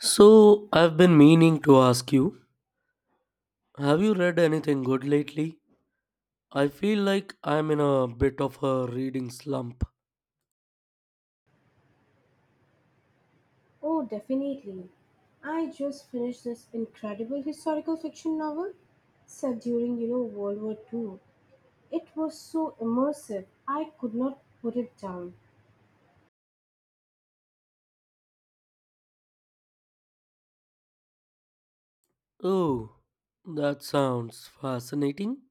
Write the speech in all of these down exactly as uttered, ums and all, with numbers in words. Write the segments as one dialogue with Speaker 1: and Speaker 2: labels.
Speaker 1: So, I've been meaning to ask you, have you read anything good lately? I feel like I'm in a bit of a reading slump.
Speaker 2: Oh, definitely. I just finished this incredible historical fiction novel set during, you know, World War Two. It was so immersive, I could not put it down.
Speaker 1: Oh, that sounds fascinating.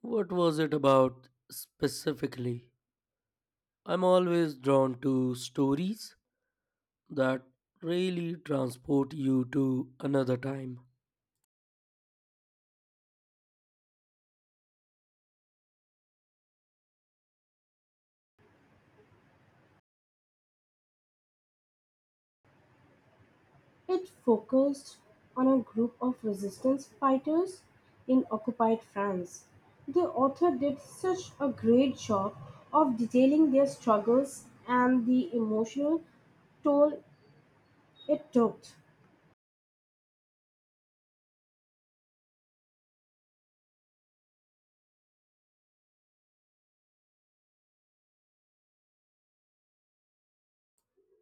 Speaker 1: What was it about specifically? I'm always drawn to stories that really transport you to another time.
Speaker 2: It focused on a group of resistance fighters in occupied France. The author did such a great job of detailing their struggles and the emotional toll it took.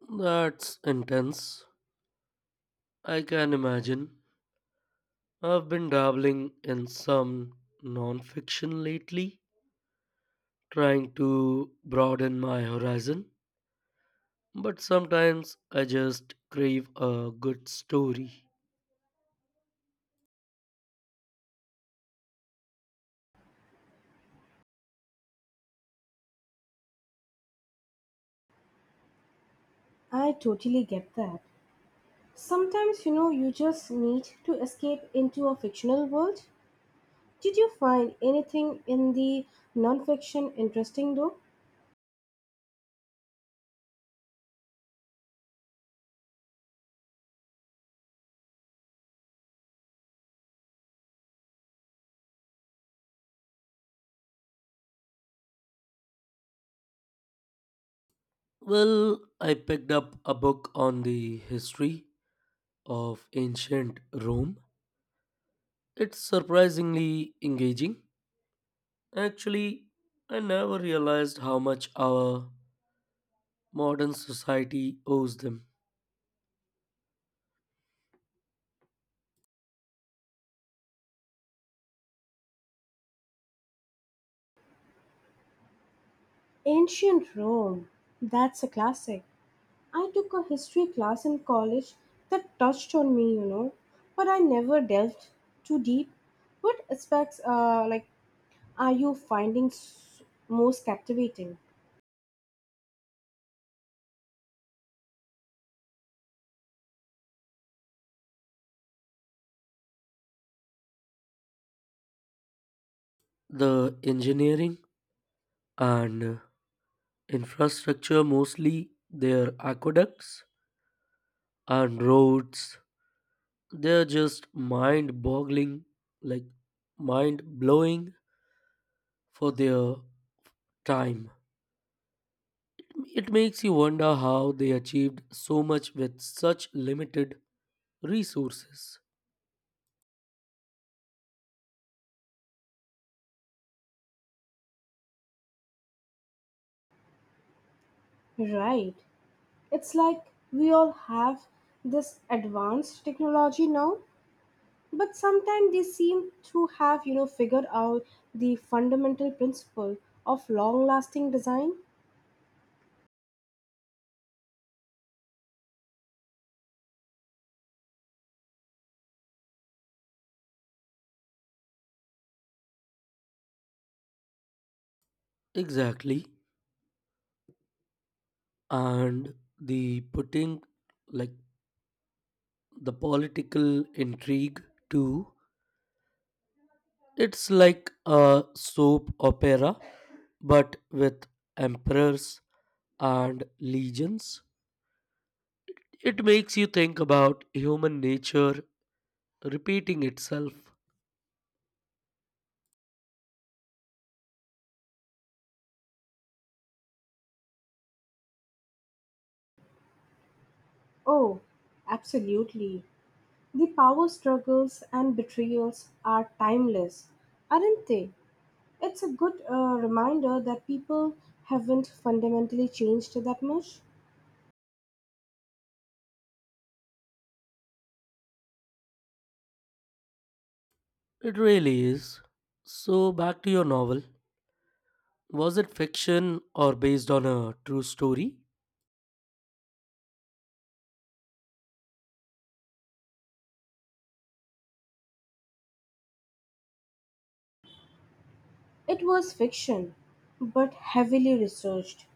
Speaker 1: That's intense. I can imagine. I've been dabbling in some non fiction lately trying to broaden my horizon, but sometimes I just crave a good story.
Speaker 2: I totally get that. Sometimes, you know, you just need to escape into a fictional world. Did you find anything in the nonfiction interesting though?
Speaker 1: Well, I picked up a book on the history of ancient Rome. It's surprisingly engaging. Actually, I never realized how much our modern society owes them.
Speaker 2: Ancient Rome. That's a classic. I took a history class in college that touched on me, you know, but I never delved too deep. What aspects, uh, like, are you finding s- most captivating?
Speaker 1: The engineering and infrastructure, mostly their aqueducts and roads, they're just mind boggling, like mind blowing for their time. It makes you wonder how they achieved so much with such limited resources.
Speaker 2: Right. It's like we all have this advanced technology now, but sometimes they seem to have you know figured out the fundamental principle of long lasting design.
Speaker 1: Exactly. And the putting, like the political intrigue too, it's like a soap opera but with emperors and legions. It makes you think about human nature repeating itself.
Speaker 2: Oh, absolutely. The power struggles and betrayals are timeless, aren't they? It's a good uh, reminder that people haven't fundamentally changed that much.
Speaker 1: It really is. So, back to your novel. Was it fiction or based on a true story?
Speaker 2: It was fiction, but heavily researched.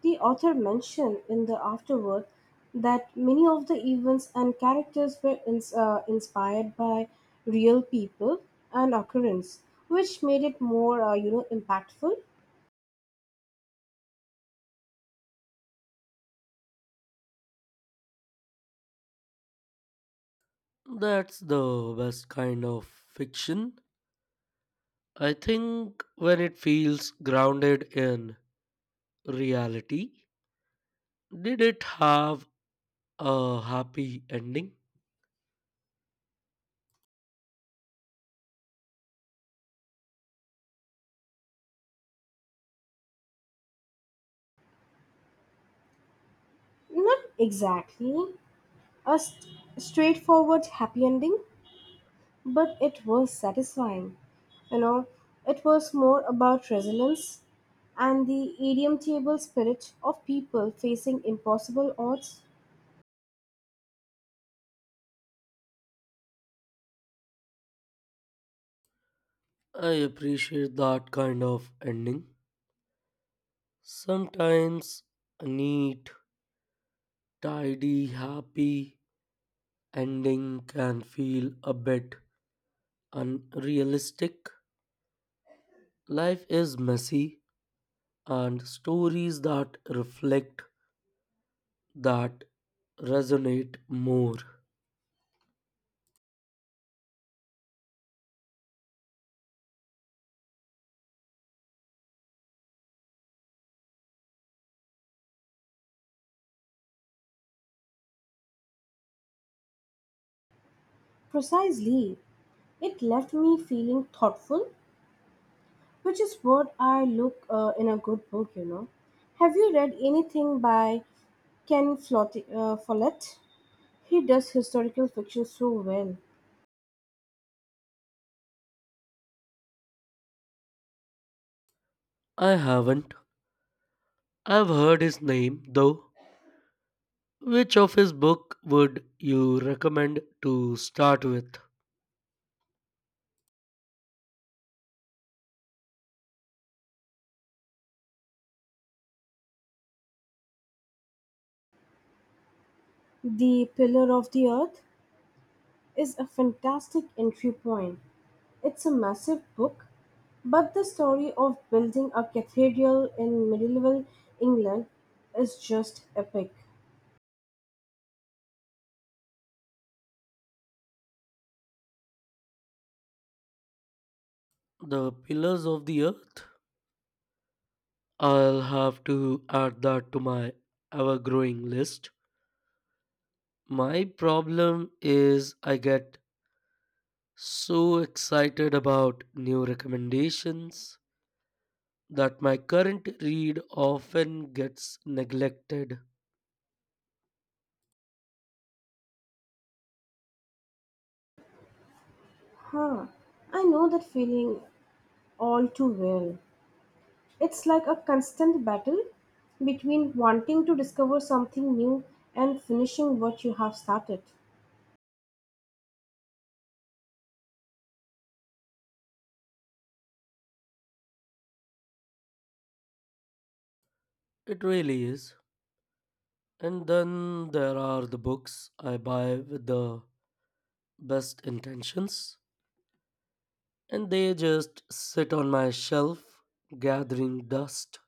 Speaker 2: The author mentioned in the afterword that many of the events and characters were ins- uh, inspired by real people and occurrence, which made it more, uh, you know, impactful.
Speaker 1: That's the best kind of fiction, I think, when it feels grounded in reality. Did it have a happy ending?
Speaker 2: Not exactly a st- straightforward happy ending, but it was satisfying. You know, it was more about resilience and the irredeemable spirit of people facing impossible odds.
Speaker 1: I appreciate that kind of ending. Sometimes a neat, tidy, happy ending can feel a bit unrealistic. Life is messy, and stories that reflect that resonate more.
Speaker 2: Precisely, it left me feeling thoughtful, which is what I look uh, in a good book, you know. Have you read anything by Ken Flot- uh, Follett? He does historical fiction so well.
Speaker 1: I haven't. I've heard his name though. Which of his book would you recommend to start with?
Speaker 2: The Pillar of the Earth is a fantastic entry point. It's a massive book, but the story of building a cathedral in medieval England is just epic.
Speaker 1: The Pillars of the Earth? I'll have to add that to my ever growing list. My problem is I get so excited about new recommendations that my current read often gets neglected.
Speaker 2: Huh. I know that feeling all too well. It's like a constant battle between wanting to discover something new and finishing what you have started.
Speaker 1: It really is. And then there are the books I buy with the best intentions, and they just sit on my shelf gathering dust.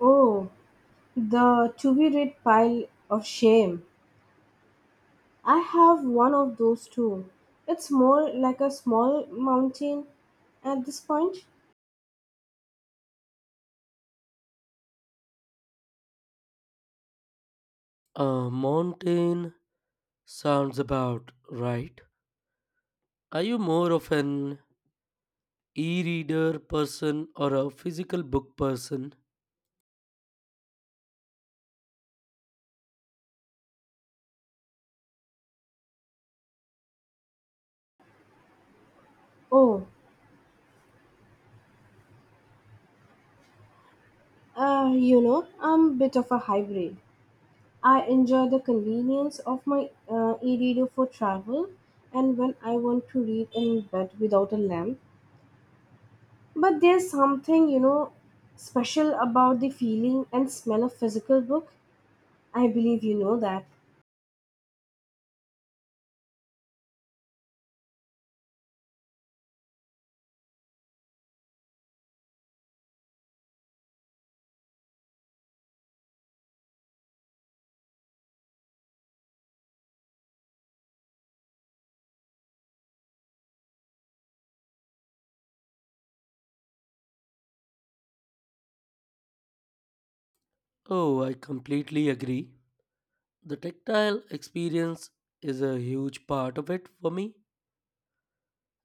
Speaker 2: Oh, the to be read pile of shame. I have one of those too. It's more like a small mountain at this point.
Speaker 1: A mountain sounds about right. Are you more of an e reader person or a physical book person?
Speaker 2: Oh, Uh, you know, I'm a bit of a hybrid. I enjoy the convenience of my uh, e-reader for travel and when I want to read in bed without a lamp. But there's something, you know, special about the feeling and smell of physical book. I believe you know that.
Speaker 1: Oh, I completely agree. The tactile experience is a huge part of it for me,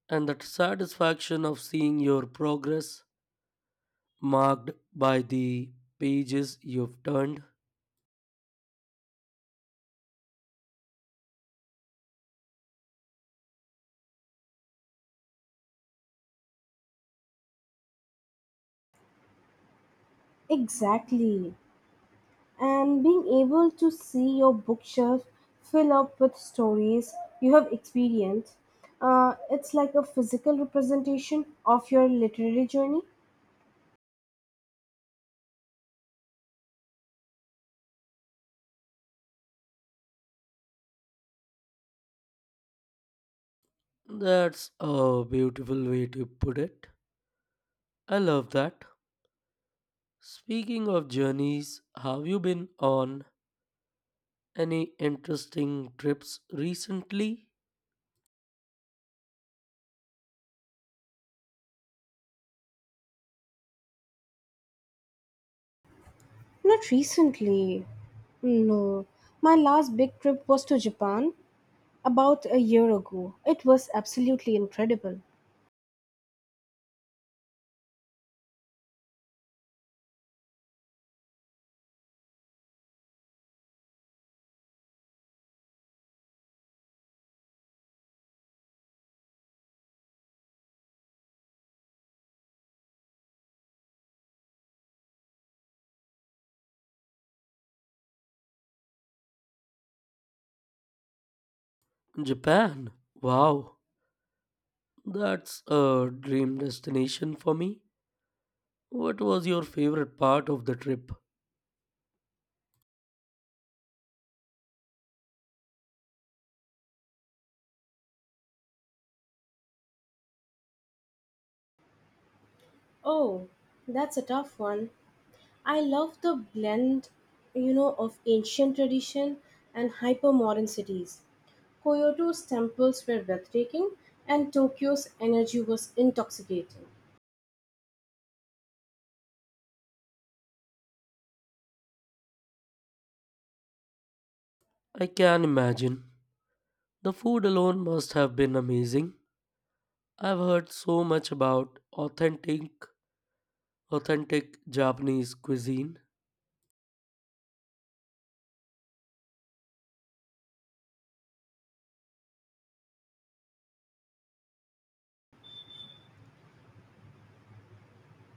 Speaker 1: and the satisfaction of seeing your progress marked by the pages you've turned.
Speaker 2: Exactly. And being able to see your bookshelf fill up with stories you have experienced, uh, it's like a physical representation of your literary journey.
Speaker 1: That's a beautiful way to put it. I love that. Speaking of journeys, have you been on any interesting trips recently?
Speaker 2: Not recently. No. My last big trip was to Japan about a year ago. It was absolutely incredible.
Speaker 1: Japan. Wow, that's a dream destination for me. What was your favorite part of the trip?
Speaker 2: Oh, that's a tough one. I love the blend, you know, of ancient tradition and hyper-modern cities. Kyoto's temples were breathtaking, and Tokyo's energy was intoxicating.
Speaker 1: I can imagine. The food alone must have been amazing. I've heard so much about authentic authentic Japanese cuisine.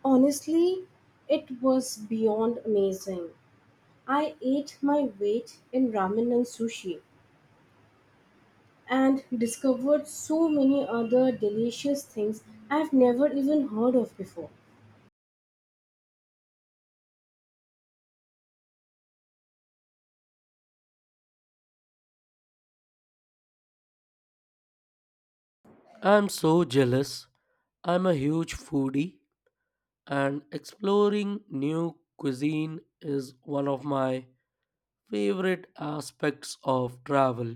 Speaker 2: Honestly, it was beyond amazing. I ate my weight in ramen and sushi, and discovered so many other delicious things I've never even heard of before.
Speaker 1: I'm so jealous. I'm a huge foodie and exploring new cuisine is one of my favorite aspects of travel.